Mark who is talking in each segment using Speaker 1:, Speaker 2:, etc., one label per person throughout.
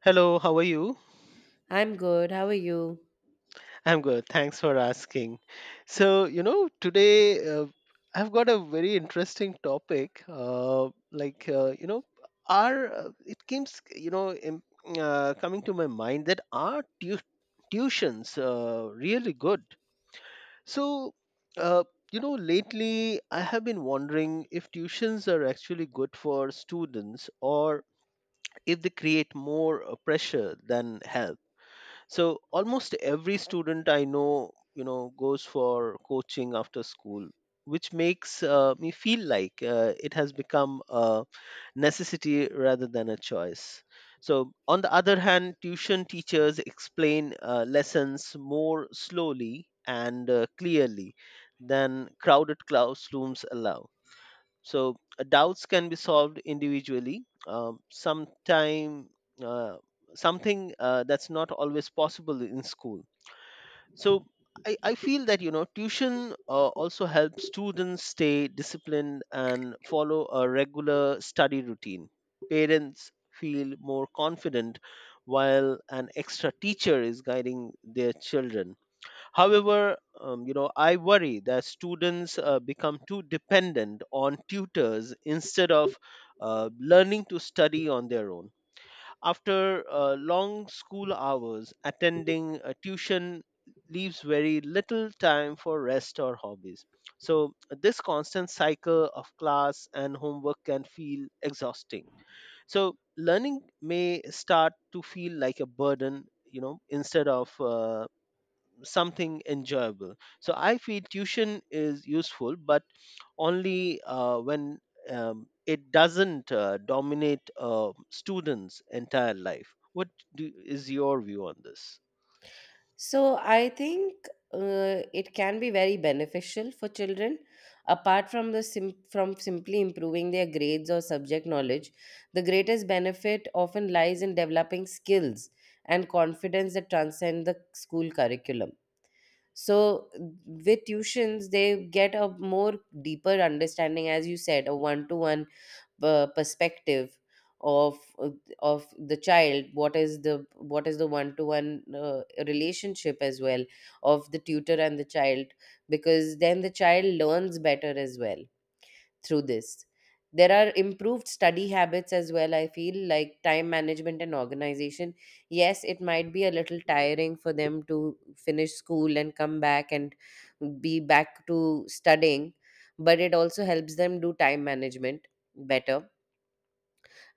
Speaker 1: Hello, how are you?
Speaker 2: I'm good. How are you?
Speaker 1: I'm good. Thanks for asking. So, today I've got a very interesting topic. Our it keeps, coming to my mind that are tuitions really good? So, uh, lately I have been wondering if tuitions are actually good for students or if they create more pressure than help. So almost every student I know, goes for coaching after school, which makes me feel like it has become a necessity rather than a choice. So, on the other hand, tuition teachers explain lessons more slowly and clearly than crowded classrooms allow, so doubts can be solved individually. Sometime uh, something that's not always possible in school. So I feel that tuition also helps students stay disciplined and follow a regular study routine. Parents feel more confident while an extra teacher is guiding their children. However, I worry that students become too dependent on tutors instead of learning to study on their own. After long school hours, attending a tuition leaves very little time for rest or hobbies. So, this constant cycle of class and homework can feel exhausting. So, learning may start to feel like a burden, instead of something enjoyable. So I feel tuition is useful, but only when it doesn't dominate students' entire life. Is your view on this?
Speaker 2: So, I think it can be very beneficial for children. Apart from from simply improving their grades or subject knowledge, the greatest benefit often lies in developing skills and confidence that transcend the school curriculum. So, with tuitions, they get a more deeper understanding, as you said, a one-to-one perspective of uh, of the child. What is the one to one relationship as well of the tutor and the child, because then the child learns better as well through this. There are improved study habits as well, I feel, like time management and organization. Yes, it might be a little tiring for them to finish school and come back and be back to studying, but it also helps them do time management better.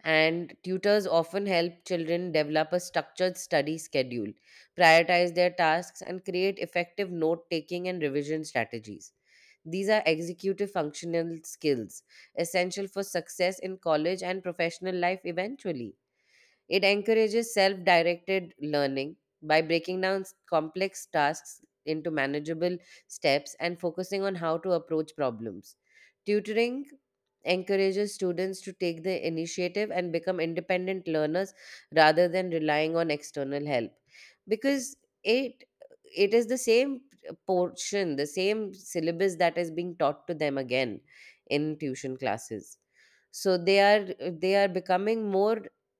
Speaker 2: And tutors often help children develop a structured study schedule, prioritize their tasks, and create effective note taking and revision strategies. These are executive functional skills essential for success in college and professional life eventually. It encourages self directed learning by breaking down complex tasks into manageable steps and focusing on how to approach problems. Tutoring encourages students to take the initiative and become independent learners rather than relying on external help, because it it is the same portion, the same syllabus that is being taught to them again in tuition classes. So they are becoming more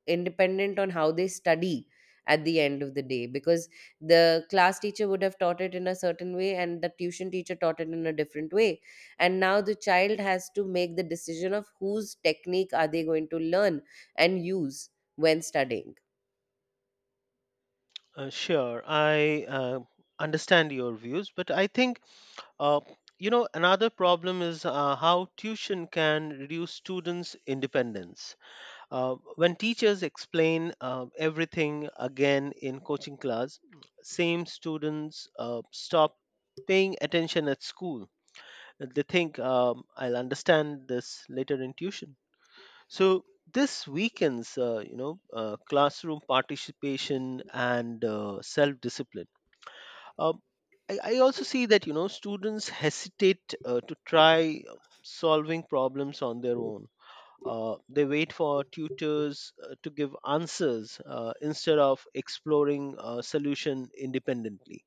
Speaker 2: independent on how they study at the end of the day, because the class teacher would have taught it in a certain way and the tuition teacher taught it in a different way, and now the child has to make the decision of whose technique are they going to learn and use when studying.
Speaker 1: Sure, I understand your views, but I think, uh, another problem is how tuition can reduce students' independence. When teachers explain everything again in coaching class, same students stop paying attention at school. They think, I'll understand this later in tuition. So this weakens, classroom participation and self-discipline. Um, I also see that, students hesitate to try solving problems on their own. They wait for tutors to give answers instead of exploring a solution independently.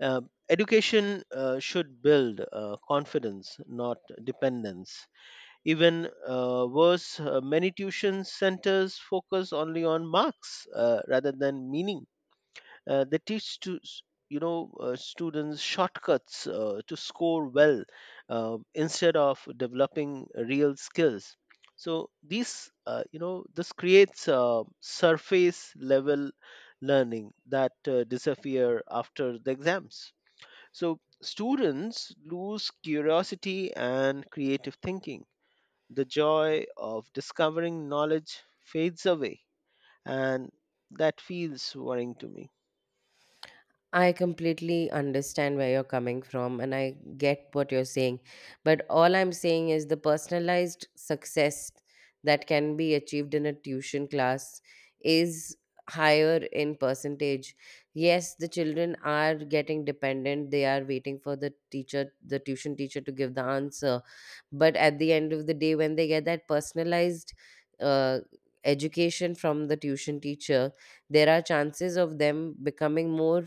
Speaker 1: Uh, Education should build confidence, not dependence. Even worse, many tuition centers focus only on marks rather than meaning. They teach students shortcuts to score well instead of developing real skills. So these you know this creates surface level learning that disappear after the exams. So students lose curiosity and creative thinking. The joy of discovering knowledge fades away, and that feels worrying to me.
Speaker 2: I completely understand where you're coming from and I get what you're saying. But all I'm saying is the personalized success that can be achieved in a tuition class is higher in percentage. Yes, the children are getting dependent. They are waiting for the teacher, the tuition teacher, to give the answer. But at the end of the day, when they get that personalized uh, education from the tuition teacher, there are chances of them becoming more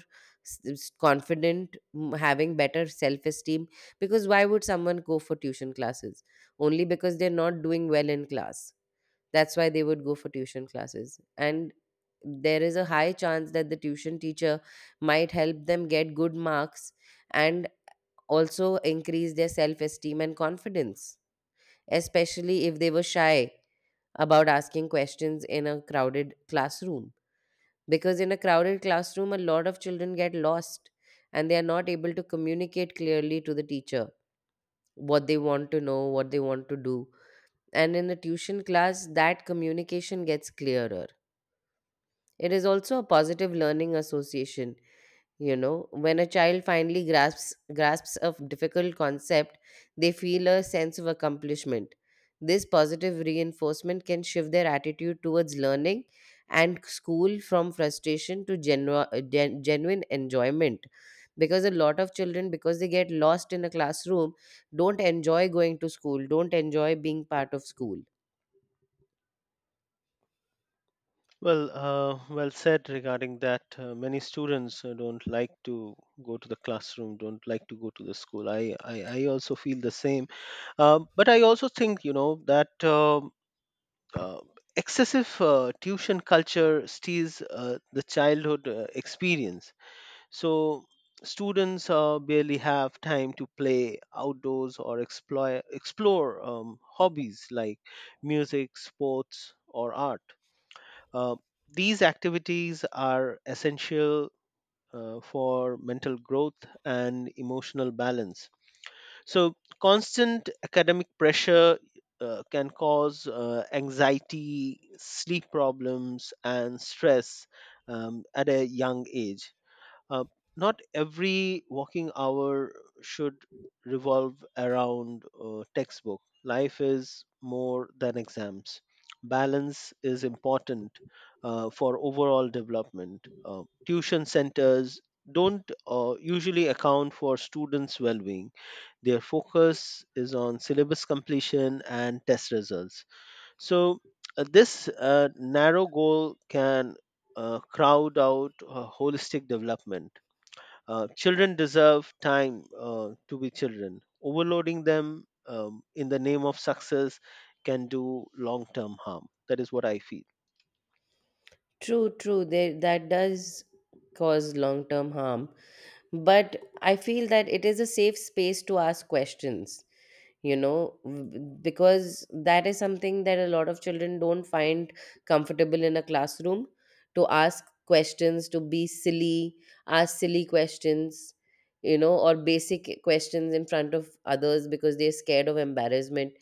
Speaker 2: confident, having better self esteem, because why would someone go for tuition classes? Only because they're not doing well in class. That's why they would go for tuition classes, and there is a high chance that the tuition teacher might help them get good marks and also increase their self esteem and confidence, especially if they were shy about asking questions in a crowded classroom. Because in a crowded classroom, a lot of children get lost and they are not able to communicate clearly to the teacher what they want to know, what they want to do. And in a tuition class, that communication gets clearer. It is also a positive learning association. You know, when a child finally grasps a difficult concept, they feel a sense of accomplishment. This positive reinforcement can shift their attitude towards learning and school from frustration to genuine enjoyment, because a lot of children, because they get lost in a classroom, don't enjoy going to school, don't enjoy being part of school.
Speaker 1: Well, well said regarding that. Many students don't like to go to the classroom, don't like to go to the school. I also feel the same. But I also think, that uh, excessive tuition culture steals the childhood experience. So students barely have time to play outdoors or explore hobbies like music, sports, or art. uh, these activities are essential for mental growth and emotional balance. So, constant academic pressure can cause anxiety, sleep problems, and stress at a young age. uh, Not every working hour should revolve around textbook. Life is more than exams. Balance is important for overall development. Tuition centers don't usually account for students' well being. Their focus is on syllabus completion and test results. So, this narrow goal can crowd out holistic development. Children deserve time to be children. Overloading them in the name of success can do long term harm. That is what I feel.
Speaker 2: True, true. That does cause long term harm, but I feel that it is a safe space to ask questions. You know, because that is something that a lot of children don't find comfortable in a classroom, to ask questions, to be silly, ask silly questions, you know, or basic questions in front of others because they're scared of embarrassment.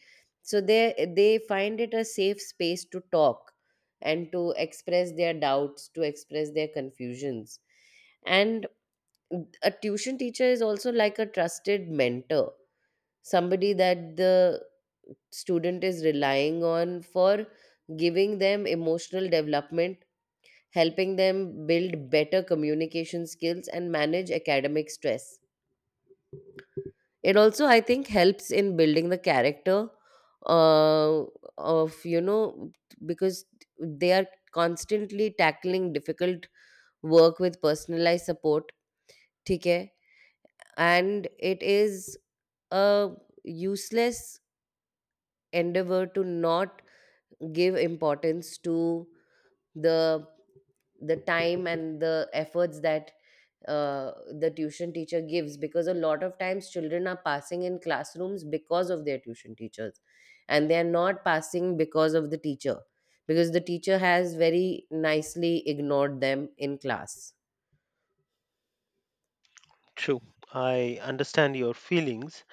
Speaker 2: So they find it a safe space to talk and to express their doubts, to express their confusions. And a tuition teacher is also like a trusted mentor, somebody that the student is relying on for giving them emotional development, helping them build better communication skills, and manage academic stress. It also, I think, helps in building the character uh, of, you know, because they are constantly tackling difficult work with personalized support. ठीक है. And it is a useless endeavor to not give importance to the the time and the efforts that uh, the tuition teacher gives, because a lot of times children are passing in classrooms because of their tuition teachers, and they are not passing because of the teacher, because the teacher has very nicely ignored them in class.
Speaker 1: True. I understand your feelings.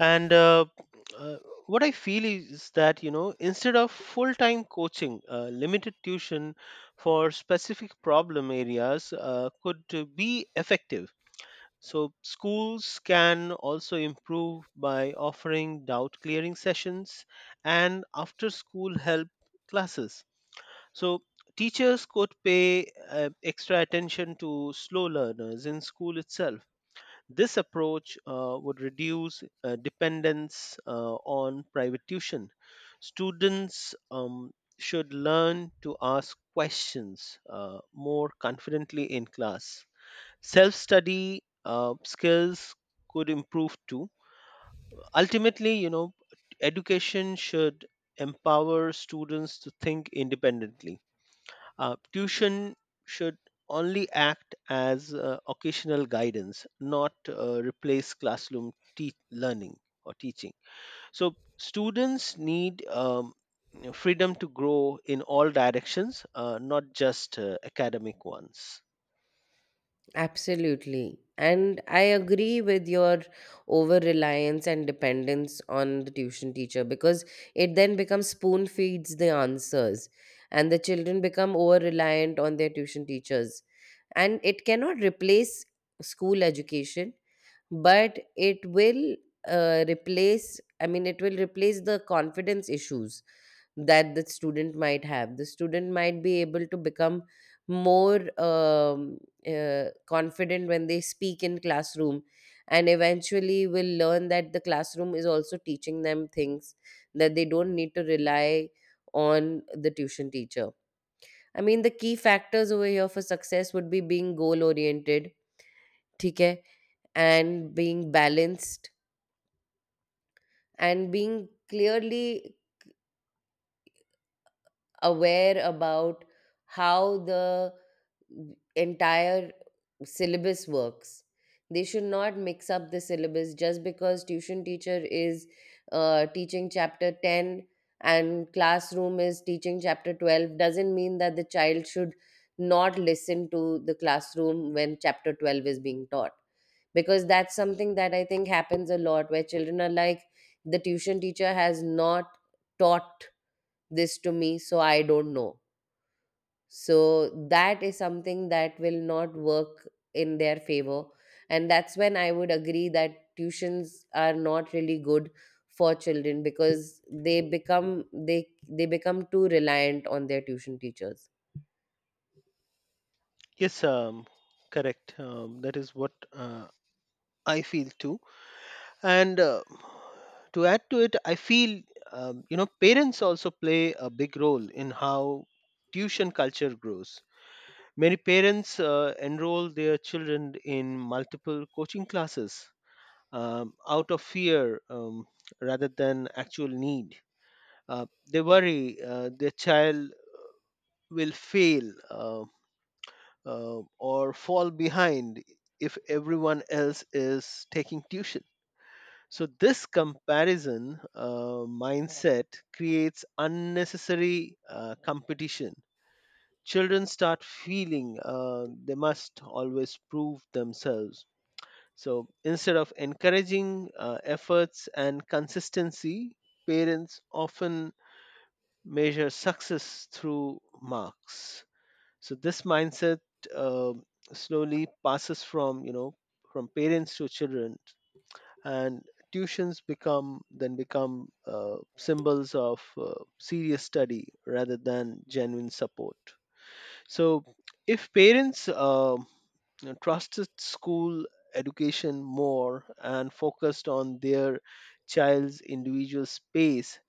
Speaker 1: And uh, what I feel is that, instead of full time coaching, limited tuition for specific problem areas could be effective. So, schools can also improve by offering doubt clearing sessions and after school help classes. So, teachers could pay extra attention to slow learners in school itself. This approach would reduce dependence on private tuition. Students should learn to ask questions more confidently in class. Self study skills could improve too. Ultimately, education should empower students to think independently. Tuition should only act as occasional guidance, not replace classroom learning or teaching. So students need, freedom to grow in all directions, not just academic ones.
Speaker 2: Absolutely. And I agree with your over reliance and dependence on the tuition teacher, because it then becomes spoon feeds the answers, and the children become over reliant on their tuition teachers. And it cannot replace school education, but it will replace I mean it will replace the confidence issues that the student might have. The student might be able to become more confident when they speak in classroom, and eventually will learn that the classroom is also teaching them things that they don't need to rely on the tuition teacher. I mean, the key factors over here for success would be being goal oriented, ठीक है, and being balanced and being clearly aware about how the entire syllabus works. They should not mix up the syllabus just because tuition teacher is teaching chapter 10 and classroom is teaching chapter 12. Doesn't mean that the child should not listen to the classroom when chapter 12 is being taught. Because that's something that I think happens a lot, where children are like, the tuition teacher has not taught this to me, so I don't know. So that is something that will not work in their favor, and that's when I would agree that tuitions are not really good for children, because they become they they become too reliant on their tuition teachers.
Speaker 1: Yes, correct. That is what I feel too. And to add to it, I feel, parents also play a big role in how tuition culture grows. Many parents enroll their children in multiple coaching classes out of fear, rather than actual need. They worry their child will fail, or fall behind if everyone else is taking tuition. So, this comparison mindset creates unnecessary competition. Children start feeling they must always prove themselves. So, instead of encouraging efforts and consistency, parents often measure success through marks. So this mindset uh, slowly passes from, from parents to children, and tuitions become then become symbols of serious study rather than genuine support. So if parents, trusted school education more and focused on their child's individual space,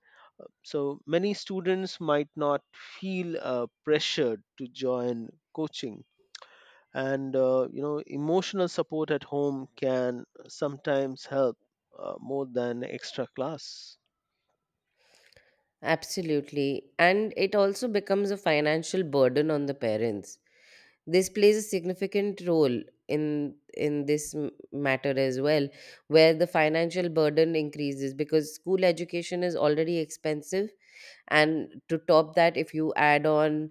Speaker 1: so many students might not feel pressured to join coaching. And emotional support at home can sometimes help more than extra class.
Speaker 2: Absolutely. And it also becomes a financial burden on the parents. This plays a significant role in this matter as well, where the financial burden increases because school education is already expensive, and to top that, if you add on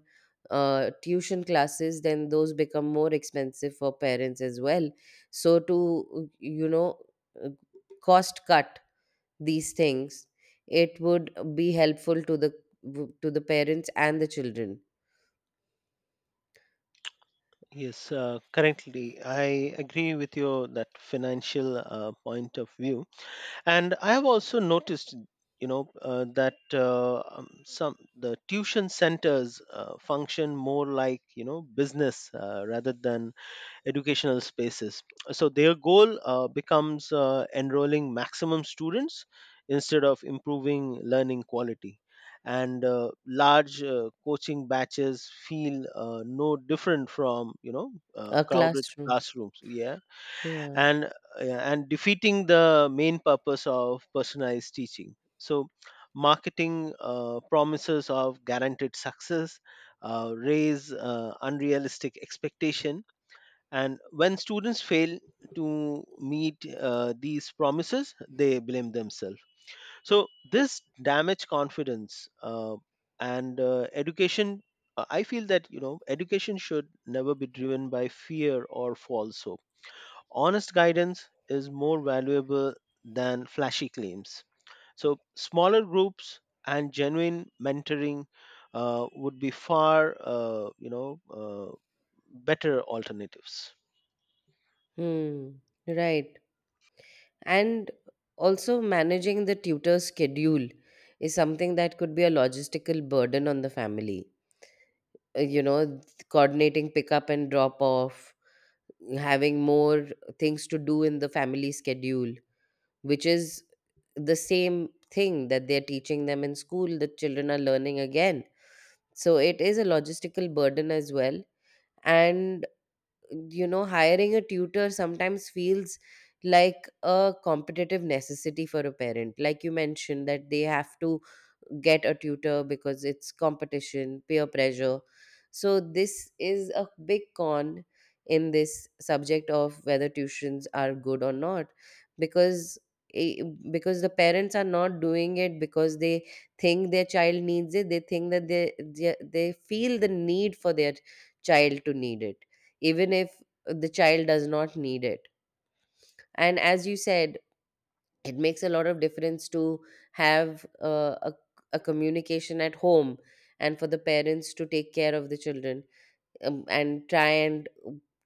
Speaker 2: tuition classes, then those become more expensive for parents as well. So to, you know, uh, cost cut these things, it would be helpful to the parents and the children.
Speaker 1: Yes, currently I agree with your that financial point of view. And I have also noticed, that some the tuition centers function more like, business rather than educational spaces. So their goal becomes enrolling maximum students instead of improving learning quality. And large coaching batches feel no different from,
Speaker 2: A
Speaker 1: crowded
Speaker 2: classroom,
Speaker 1: classrooms. Yeah,
Speaker 2: yeah.
Speaker 1: and yeah, and defeating the main purpose of personalized teaching. So marketing promises of guaranteed success raise unrealistic expectation, and when students fail to meet these promises, they blame themselves. So this damage confidence, and education. I feel that, education should never be driven by fear or false hope. Honest guidance is more valuable than flashy claims. So smaller groups and genuine mentoring would be far, better alternatives.
Speaker 2: Hmm. Right. And also managing the tutor schedule is something that could be a logistical burden on the family. You know, coordinating pickup and drop off, having more things to do in the family schedule, which is the same thing that they're teaching them in school, the children are learning again. So it is a logistical burden as well. And you know, hiring a tutor sometimes feels like a competitive necessity for a parent, like you mentioned, that they have to get a tutor because it's competition, peer pressure. So this is a big con in this subject of whether tuitions are good or not. Because eh, because the parents are not doing it because they think their child needs it. They think that they feel the need for their child to need it, even if the child does not need it. And as you said, it makes a lot of difference to have a communication at home, and for the parents to take care of the children, and try and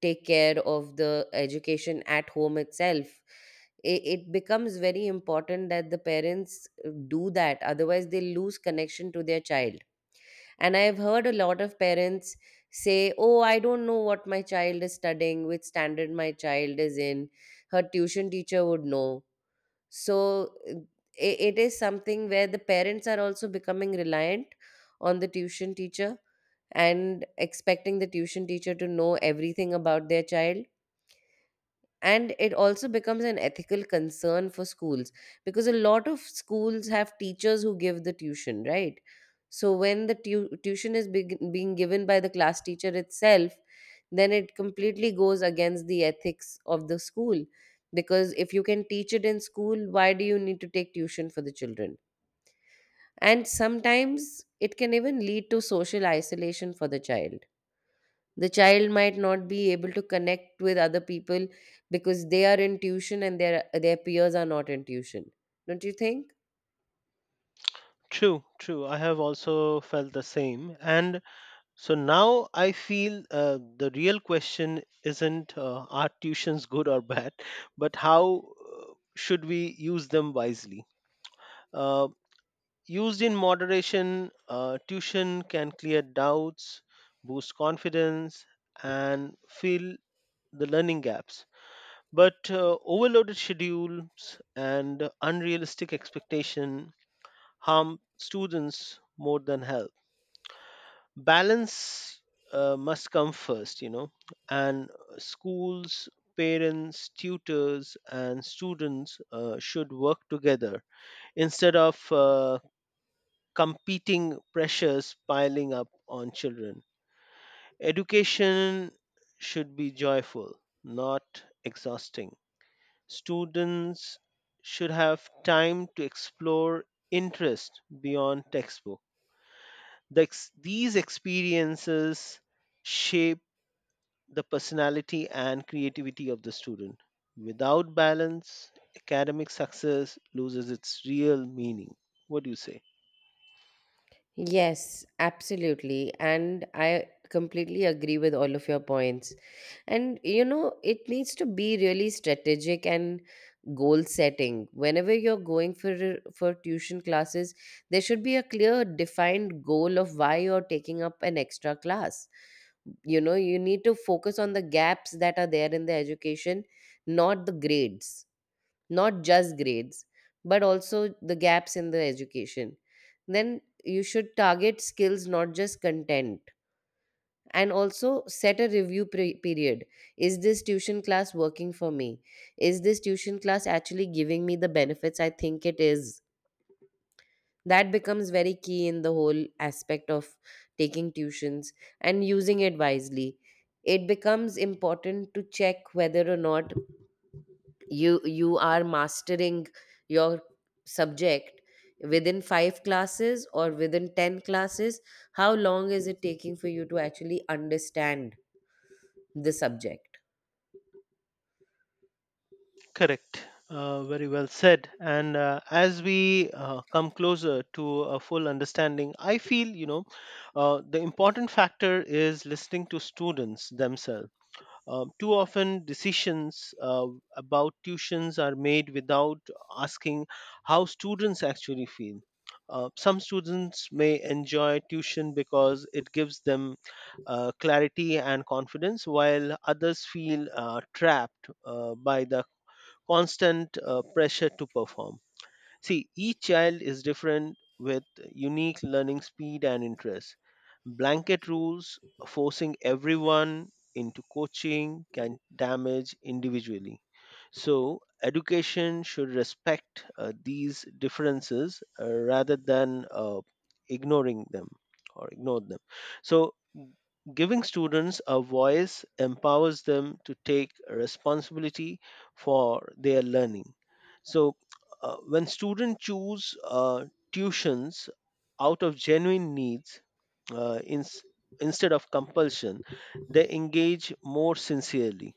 Speaker 2: take care of the education at home itself. It becomes very important that the parents do that, otherwise, they lose connection to their child. And I've heard a lot of parents say, "Oh, I don't know what my child is studying, which standard my child is in. Her tuition teacher would know." So uh, it is something where the parents are also becoming reliant on the tuition teacher, and expecting the tuition teacher to know everything about their child. And it also becomes an ethical concern for schools, because a lot of schools have teachers who give the tuition, right? So when the tuition is beg being given by the class teacher itself, then it completely goes against the ethics of the school, because if you can teach it in school, why do you need to take tuition for the children? And sometimes it can even lead to social isolation for the child. The child might not be able to connect with other people because they are in tuition and their peers are not in tuition. Don't you think?
Speaker 1: True, true. I have also felt the same. And so now I feel the real question isn't are tuitions good or bad, but how should we use them wisely? Uh, Used in moderation, tuition can clear doubts, boost confidence, and fill the learning gaps. But overloaded schedules and unrealistic expectation harm students more than help. Balance must come first, and schools, parents, tutors, and students should work together instead of competing pressures piling up on children. Education should be joyful, not exhausting. Students should have time to explore interest beyond textbook. These experiences shape the personality and creativity of the student. Without balance, academic success loses its real meaning. What do you say?
Speaker 2: Yes, absolutely. And I completely agree with all of your points. And, you know, it needs to be really strategic and goal setting. Whenever you're going for tuition classes, there should be a clear defined goal of why you're taking up an extra class. You know, you need to focus on the gaps that are there in the education, not the grades, not just grades, but also the gaps in the education. Then you should target skills, not just content, and also set a review period. Is this tuition class working for me? Is this tuition class actually giving me the benefits I think it is? That becomes very key in the whole aspect of taking tuitions and using it wisely. It becomes important to check whether or not you are mastering your subject within 5 classes or within 10 classes. How long is it taking for you to actually understand the subject?
Speaker 1: Correct. Very well said. And as we come closer to a full understanding, I feel, the important factor is listening to students themselves. Too often, decisions about tuitions are made without asking how students actually feel. Some students may enjoy tuition because it gives them clarity and confidence, while others feel trapped by the constant pressure to perform. See, each child is different with unique learning speed and interests. Blanket rules forcing everyone into coaching can damage individually. So, education should respect these differences rather than ignoring them or ignore them. So, giving students a voice empowers them to take responsibility for their learning. So, when students choose tuitions out of genuine needs, uh, ins- instead of compulsion, they engage more sincerely.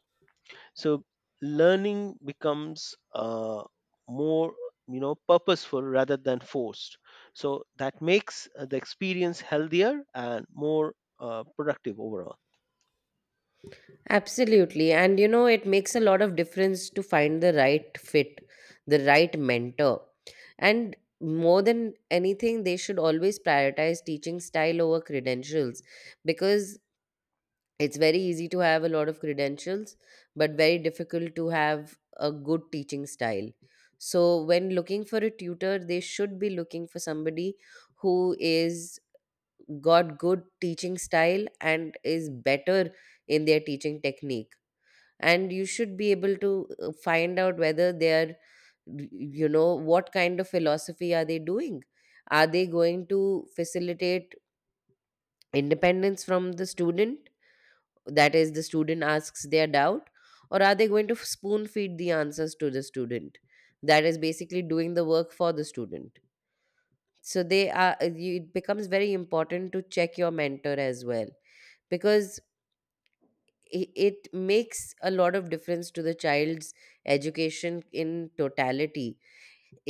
Speaker 1: So, learning becomes more, purposeful rather than forced, so that makes the experience healthier and more productive overall.
Speaker 2: Absolutely, and you know, it makes a lot of difference to find the right fit, the right mentor. And more than anything, they should always prioritize teaching style over credentials, because it's very easy to have a lot of credentials, but very difficult to have a good teaching style. So, when looking for a tutor, they should be looking for somebody who is got good teaching style and is better in their teaching technique. And you should be able to find out whether they are, you know, what kind of philosophy are they doing? Are they going to facilitate independence from the student? That is, the student asks their doubt, or are they going to spoon feed the answers to the student, that is, basically doing the work for the student. So they are, it becomes very important to check your mentor as well, because it makes a lot of difference to the child's education in totality.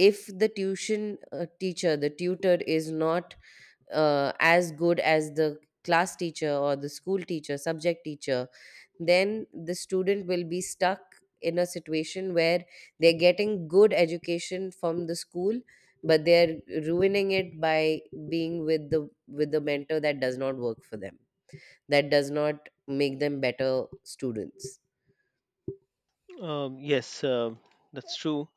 Speaker 2: If the tuition teacher the tutor is not as good as the class teacher or the school teacher, subject teacher, then the student will be stuck in a situation where they're getting good education from the school, but they're ruining it by being with the mentor that does not work for them, that does not make them better students.
Speaker 1: Yes, that's true.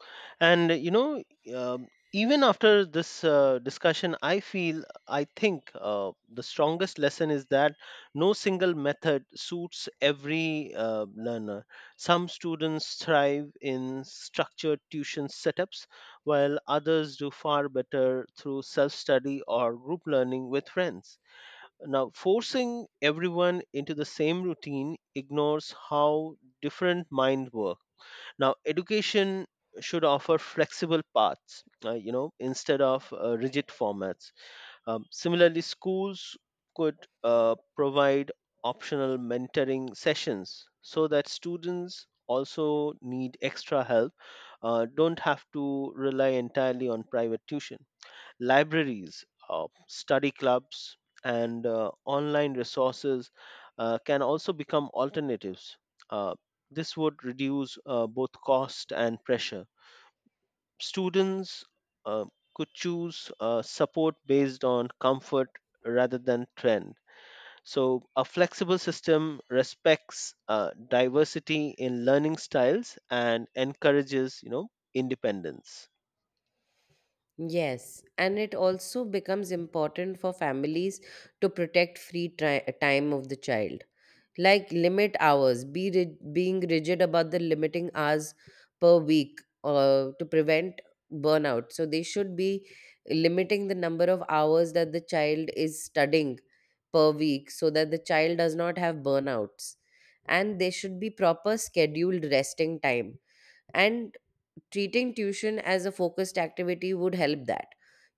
Speaker 1: And, even after this discussion, I feel, I think the strongest lesson is that no single method suits every learner. Some students thrive in structured tuition setups, while others do far better through self study or group learning with friends. Now, forcing everyone into the same routine ignores how different minds work. Now, education should offer flexible paths, instead of rigid formats. Similarly, schools could provide optional mentoring sessions so that students also need extra help, don't have to rely entirely on private tuition. Libraries, study clubs, and online resources can also become alternatives. Uh, this would reduce both cost and pressure. Students uh, could choose support based on comfort rather than trend. So, a flexible system respects diversity in learning styles and encourages, independence.
Speaker 2: Yes, and it also becomes important for families to protect free time of the child, like limit hours, being rigid about the limiting hours per week to prevent burnout. So they should be limiting the number of hours that the child is studying per week, so that the child does not have burnouts, and there should be proper scheduled resting time. And treating tuition as a focused activity would help that.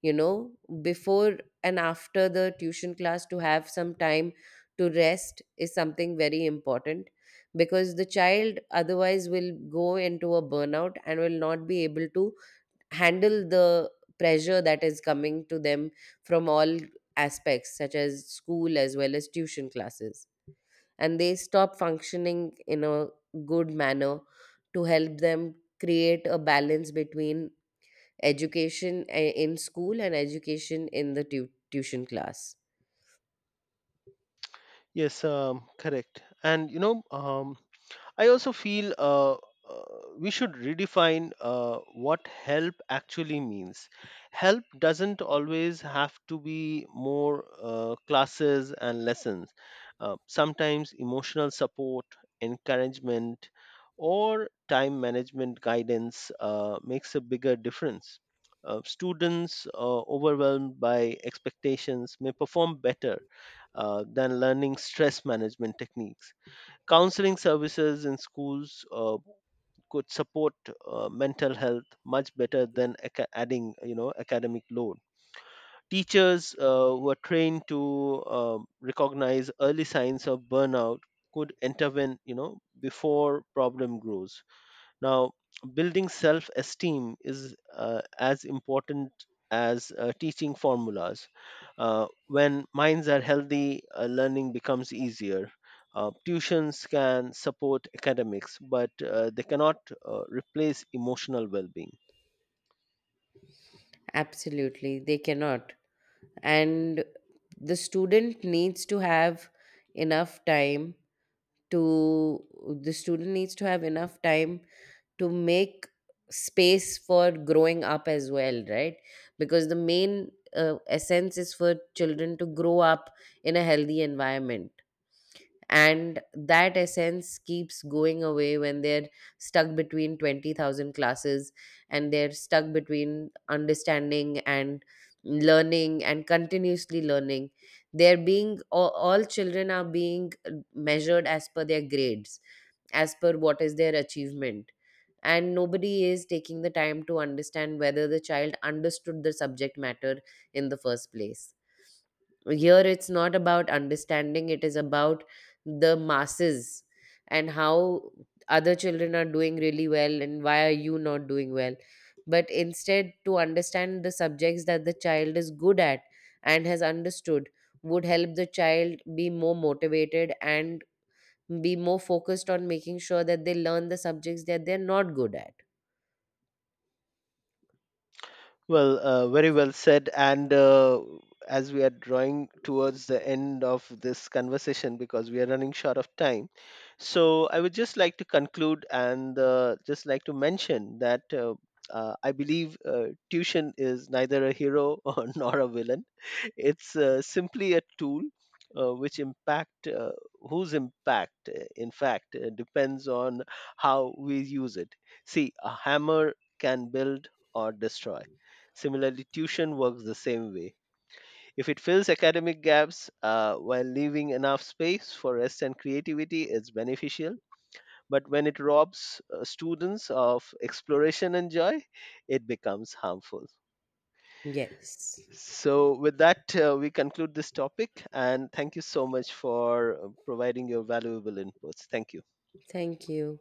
Speaker 2: You know, before and after the tuition class to have some time to rest is something very important, because the child otherwise will go into a burnout and will not be able to handle the pressure that is coming to them from all aspects, such as school as well as tuition classes, and they stop functioning in a good manner. To help them create a balance between education in school and education in the tuition class.
Speaker 1: Yes, correct. And, I also feel, we should redefine what help actually means. Help doesn't always have to be more classes and lessons. Sometimes emotional support, encouragement, or time management guidance makes a bigger difference. Students overwhelmed by expectations may perform better than learning stress management techniques. Counseling services in schools could support mental health much better than adding, academic load. Teachers who are trained to recognize early signs of burnout could intervene, before problem grows. Now, building self esteem is as important as teaching formulas. When minds are healthy, learning becomes easier. Tuitions can support academics, but they cannot replace emotional well being.
Speaker 2: Absolutely, they cannot. And the student needs to have enough to, the student needs to have enough time to make space for growing up as well, right? Because the main essence is for children to grow up in a healthy environment, and that essence keeps going away when they're stuck between 20,000 classes, and they're stuck between understanding and learning and continuously learning. They're being all children are being measured as per their grades, as per what is their achievement, and nobody is taking the time to understand whether the child understood the subject matter in the first place. Here, it's not about understanding, it is about the masses and how other children are doing really well and why are you not doing well. But instead, to understand the subjects that the child is good at and has understood would help the child be more motivated and be more focused on making sure that they learn the subjects that they're not good at.
Speaker 1: Well, very well said. And as we are drawing towards the end of this conversation, because we are running short of time, so I would just like to conclude and just like to mention that, I believe tuition is neither a hero or nor a villain. It's simply a tool. Which impact whose impact in fact depends on how we use it. See, a hammer can build or destroy. Similarly, tuition works the same way. If it fills academic gaps while leaving enough space for rest and creativity, it's beneficial. But when it robs students of exploration and joy, it becomes harmful.
Speaker 2: Yes.
Speaker 1: So, with that, we conclude this topic. And thank you so much for providing your valuable inputs. Thank you.
Speaker 2: Thank you.